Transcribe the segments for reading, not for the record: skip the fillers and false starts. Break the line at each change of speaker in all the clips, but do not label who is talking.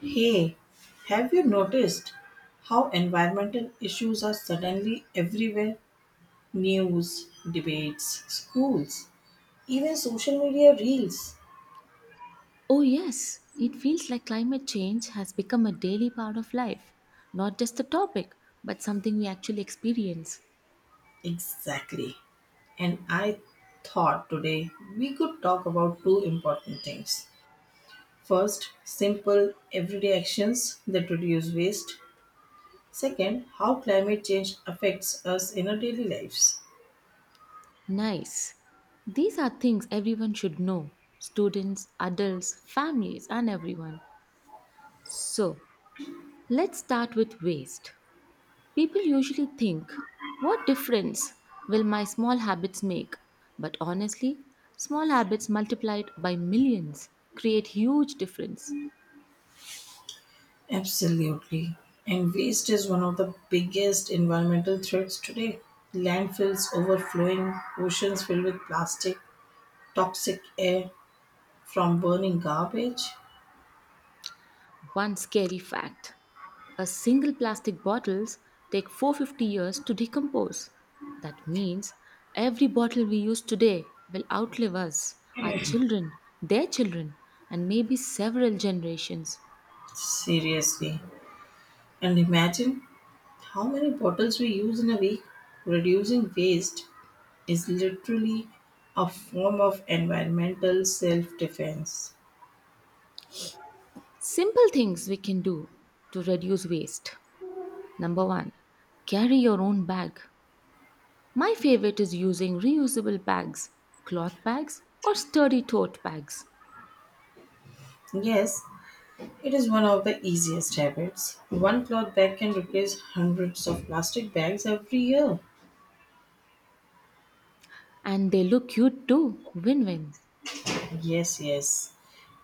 Hey, have you noticed how environmental issues are suddenly everywhere? News, debates, schools, even social media reels.
Oh, yes, it feels like climate change has become a daily part of life, not just a topic, but something we actually experience.
Exactly. And I thought today we could talk about two important things. First, simple everyday actions that reduce waste. Second, how climate change affects us in our daily lives.
Nice. These are things everyone should know, students, adults, families, and everyone. So, let's start with waste. People usually think, what difference will my small habits make? But honestly, small habits multiplied by millions create huge difference.
Absolutely. And waste is one of the biggest environmental threats today. Landfills overflowing, oceans filled with plastic, toxic air from burning garbage.
One scary fact. A single plastic bottles take 450 years to decompose. That means every bottle we use today will outlive us, our children, their children, and maybe several generations.
Seriously. And imagine how many bottles we use in a week. Reducing waste is literally a form of environmental self defense.
Simple things we can do to reduce waste. Number 1, carry your own bag. My favorite is using reusable bags, cloth bags or sturdy tote bags.
Yes, it is one of the easiest habits. One cloth bag can replace hundreds of plastic bags every year.
And they look cute too. Win-win.
Yes, yes.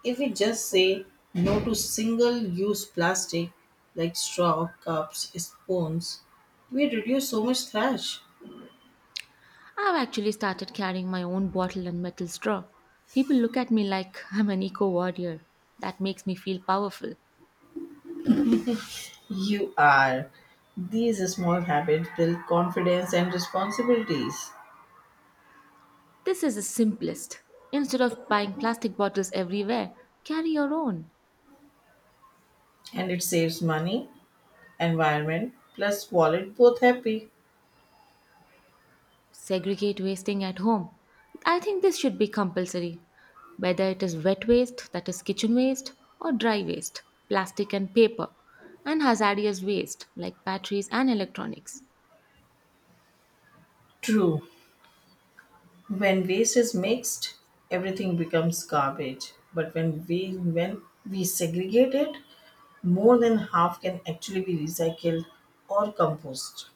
If we just say no to single use plastic like straw, cups, spoons, we reduce so much trash.
I've actually started carrying my own bottle and metal straw. People look at me like I'm an eco warrior. That makes me feel powerful.
You are. These small habits build confidence and responsibilities,
This is the simplest. Instead of buying plastic bottles everywhere, carry your own.
and it saves money, environment, plus wallet both happy.
Segregate wasting at home. I think this should be compulsory. Whether it is wet waste, that is kitchen waste, or dry waste, plastic and paper, and hazardous waste like batteries and electronics.
True. When waste is mixed, everything becomes garbage. But when we segregate it, more than half can actually be recycled or compost.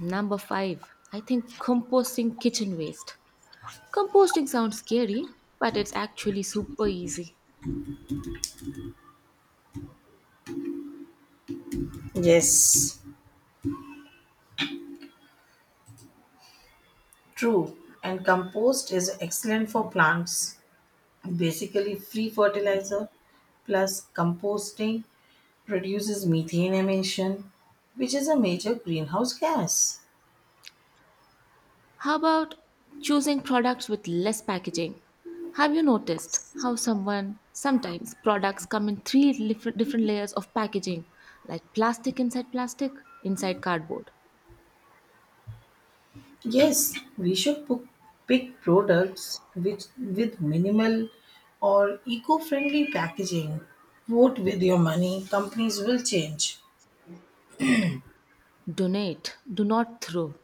Number five, I think composting kitchen waste. Composting sounds scary, but it's actually super easy.
Yes, true. And compost is excellent for plants. Basically, free fertilizer plus composting reduces methane emission, which is a major greenhouse gas.
How about choosing products with less packaging? Have you noticed how someone sometimes products come in three different layers of packaging, like plastic, inside cardboard?
Yes, pick products which with minimal or eco-friendly packaging. Vote with your money, companies will change.
Donate, do not throw.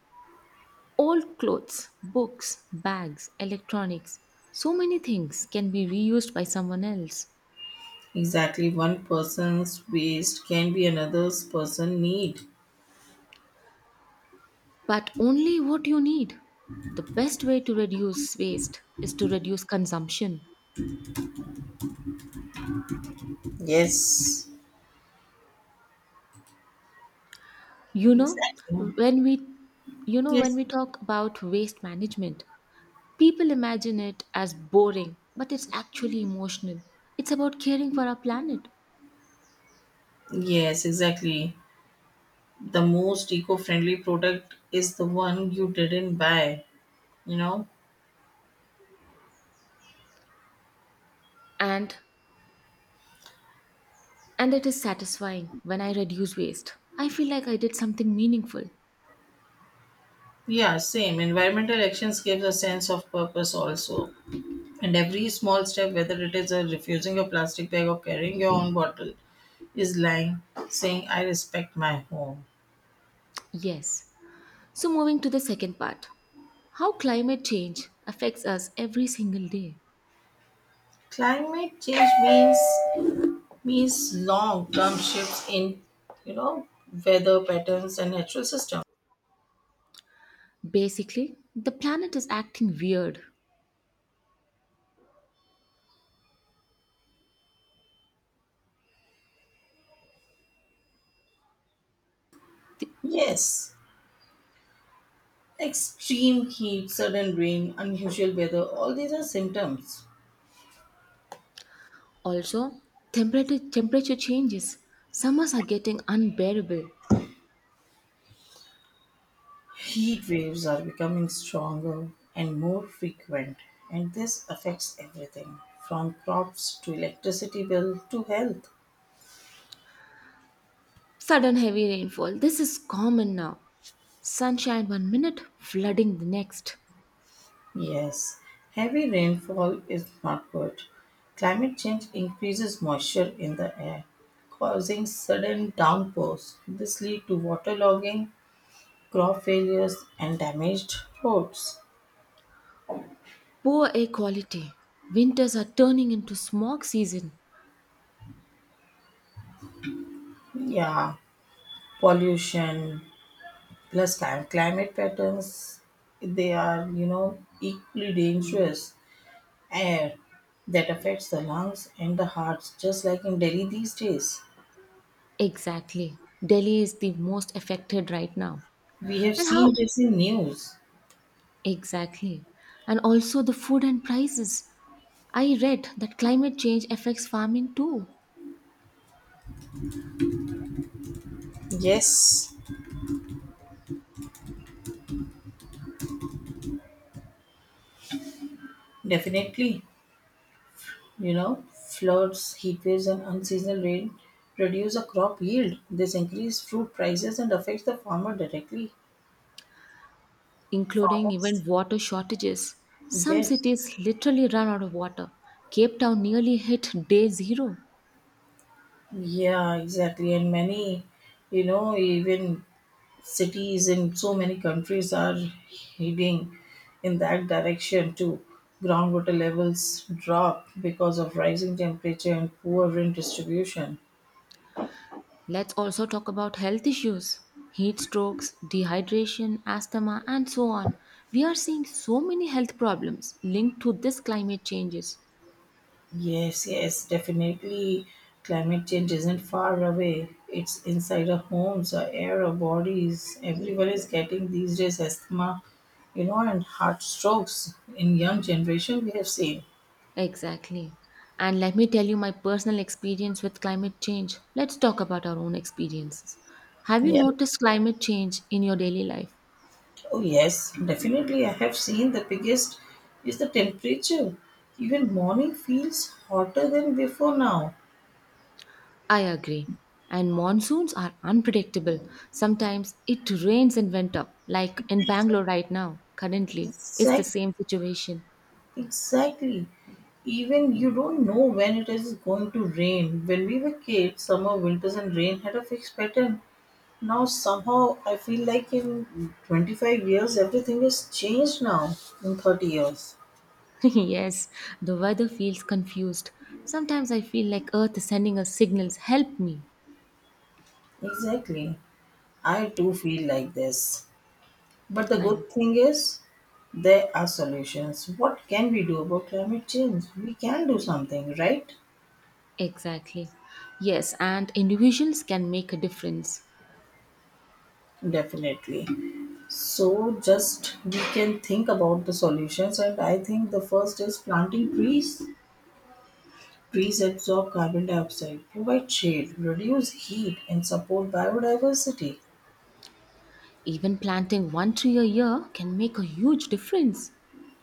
Old clothes, books, bags, electronics, so many things can be reused by someone else,
Exactly, one person's waste can be another's person need.
but only what you need. The best way to reduce waste is to reduce consumption.
Yes.
You know,
Exactly.
when we you know when
Yes.
we talk about waste management, people imagine it as boring, but it's actually emotional. It's about caring for our planet,
Yes, exactly. The most eco-friendly product is the one you didn't buy, you know?
and and it is satisfying when I reduce waste. I feel like I did something meaningful.
Yeah, same. Environmental actions gives a sense of purpose also. And every small step, whether it is a refusing a plastic bag or carrying your own bottle, is lying, saying, I respect my home.
Yes. So moving to the second part, how climate change affects us every single day.
Climate change means long term shifts in you know weather patterns and natural systems.
Basically, the planet is acting weird. The-
Yes. Extreme heat, sudden rain, unusual weather, all these are symptoms.
Also, temperature changes. Summers are getting unbearable.
Heat waves are becoming stronger and more frequent, and this affects everything from crops to electricity bill to health.
Sudden heavy rainfall. This is common now. Sunshine one minute, flooding the next.
Yes, heavy rainfall is not good. Climate change increases moisture in the air, causing sudden downpours. This leads to waterlogging, crop failures, and damaged roads.
Poor air quality. Winters are turning into smog season.
Yeah, pollution plus climate patterns, they are, equally dangerous. Air that affects the lungs and the hearts, just like in Delhi these days.
Exactly. Delhi is the most affected right now.
We have
And how
seen this in news.
exactly? And also the food and prices. I read that climate change affects farming too,
Yes. Definitely, floods, heat waves, and unseasonal rain reduce a crop yield. This increase fruit prices and affects the farmer directly.
including
Farmers,
even water shortages. Some
yes,
cities literally run out of water. Cape Town nearly hit day zero.
yeah, exactly. And many, even cities in so many countries are heading in that direction too. Groundwater levels drop because of rising temperature and poor wind distribution.
Let's also talk about health issues, heat strokes, dehydration, asthma, and so on. We are seeing so many health problems linked to this climate changes.
Yes, yes, definitely. Climate change isn't far away. It's inside our homes, our air, our bodies. Everyone is getting these days asthma, and heart strokes in young generation we have seen.
Exactly. And let me tell you my personal experience with climate change. Let's talk about our own experiences. Have you
Yeah.
noticed climate change in your daily life?
Oh yes, definitely I have seen the biggest is the temperature. Even morning feels hotter than before now.
I agree. And monsoons are unpredictable. Sometimes it rains in winter, like in Bangalore right now. Currently, it's the
Sec
same situation.
Exactly. Even you don't know when it is going to rain. When we were kids, summer, winters, and rain had a fixed pattern. Now, somehow, I feel like in 25 years, everything has changed now. In 30 years.
Yes, the weather feels confused. Sometimes I feel like Earth is sending us signals help me.
Exactly. I do feel like this. But the
I'm
good thing is, there are solutions. What can we do about climate change? We can do something, right?
exactly. Yes, and individuals can make a difference.
Definitely. So just we can think about the solutions, and I think the first is planting trees. Trees absorb carbon dioxide, provide shade, reduce heat, and support biodiversity.
Even planting one tree a year can make a huge difference.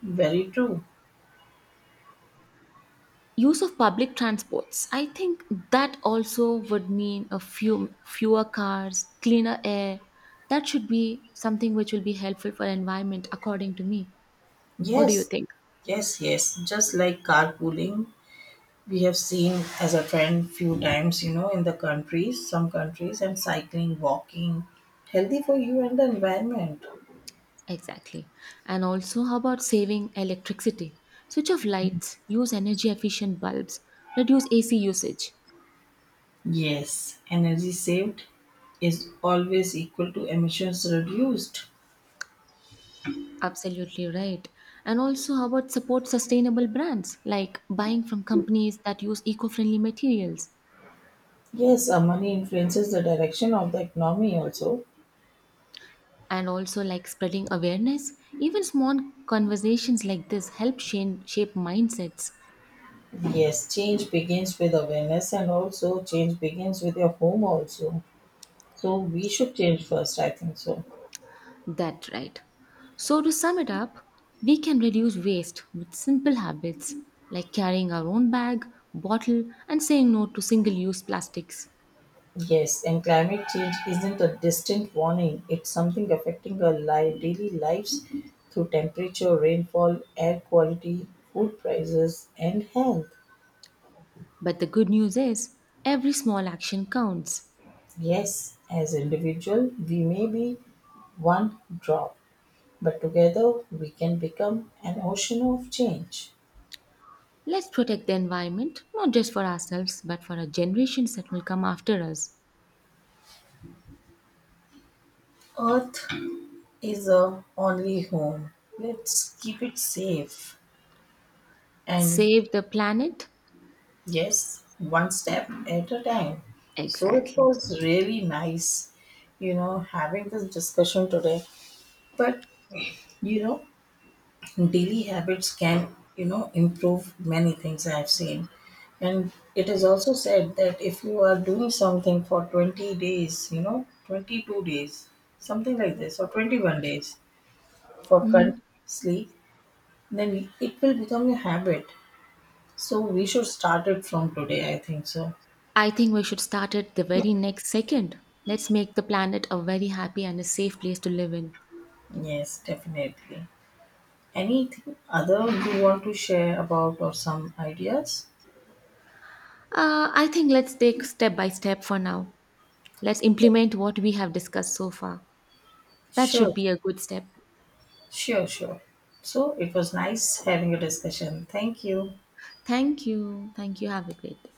Very true.
Use of public transports, I think that also would mean a few fewer cars, cleaner air. That should be something which will be helpful for environment, according to me. What do you
Yes,
think?
yes, yes. Just like carpooling, we have seen as a trend few times, in the countries, some countries, and cycling, walking, healthy for you and the environment.
Exactly. And also, how about saving electricity? Switch off lights, use energy efficient bulbs, reduce ac usage.
Yes, energy saved is always equal to emissions reduced.
Absolutely right. And also how about support sustainable brands, like buying from companies that use eco-friendly materials.
Yes, money influences the direction of the economy also.
And also like spreading awareness. Even small conversations like this help shape mindsets.
Yes, change begins with awareness and also change begins with your home also. So we should change first, I think so.
That right. So to sum it up, we can reduce waste with simple habits like carrying our own bag, bottle, and saying no to single use plastics.
Yes, and climate change isn't a distant warning. It's something affecting our life, daily lives through temperature, rainfall, air quality, food prices, and health.
But the good news is every small action counts.
Yes, as individual we may be one drop, but together we can become an ocean of change.
Let's protect the environment not just for ourselves but for our generations that will come after us.
Earth is our only home. Let's keep it safe and
Save the planet.
yes, one step at a time. So it
Exactly.
was really nice, having this discussion today. But you know, daily habits can improve many things I have seen, and it is also said that if you are doing something for 20 days 22 days something like this or 21 days for continuously, then it will become a habit. So we should start it from today, I think so.
I think we should start it the very next second. Let's make the planet a very happy and a safe place to live in.
Yes, definitely. Anything other you want to share about or some ideas?
I think let's take step by step for now. Let's implement what we have discussed so far. That should
Sure.
be a good step.
Sure. So it was nice having a discussion. Thank you.
Thank you. Thank you. Have a great day.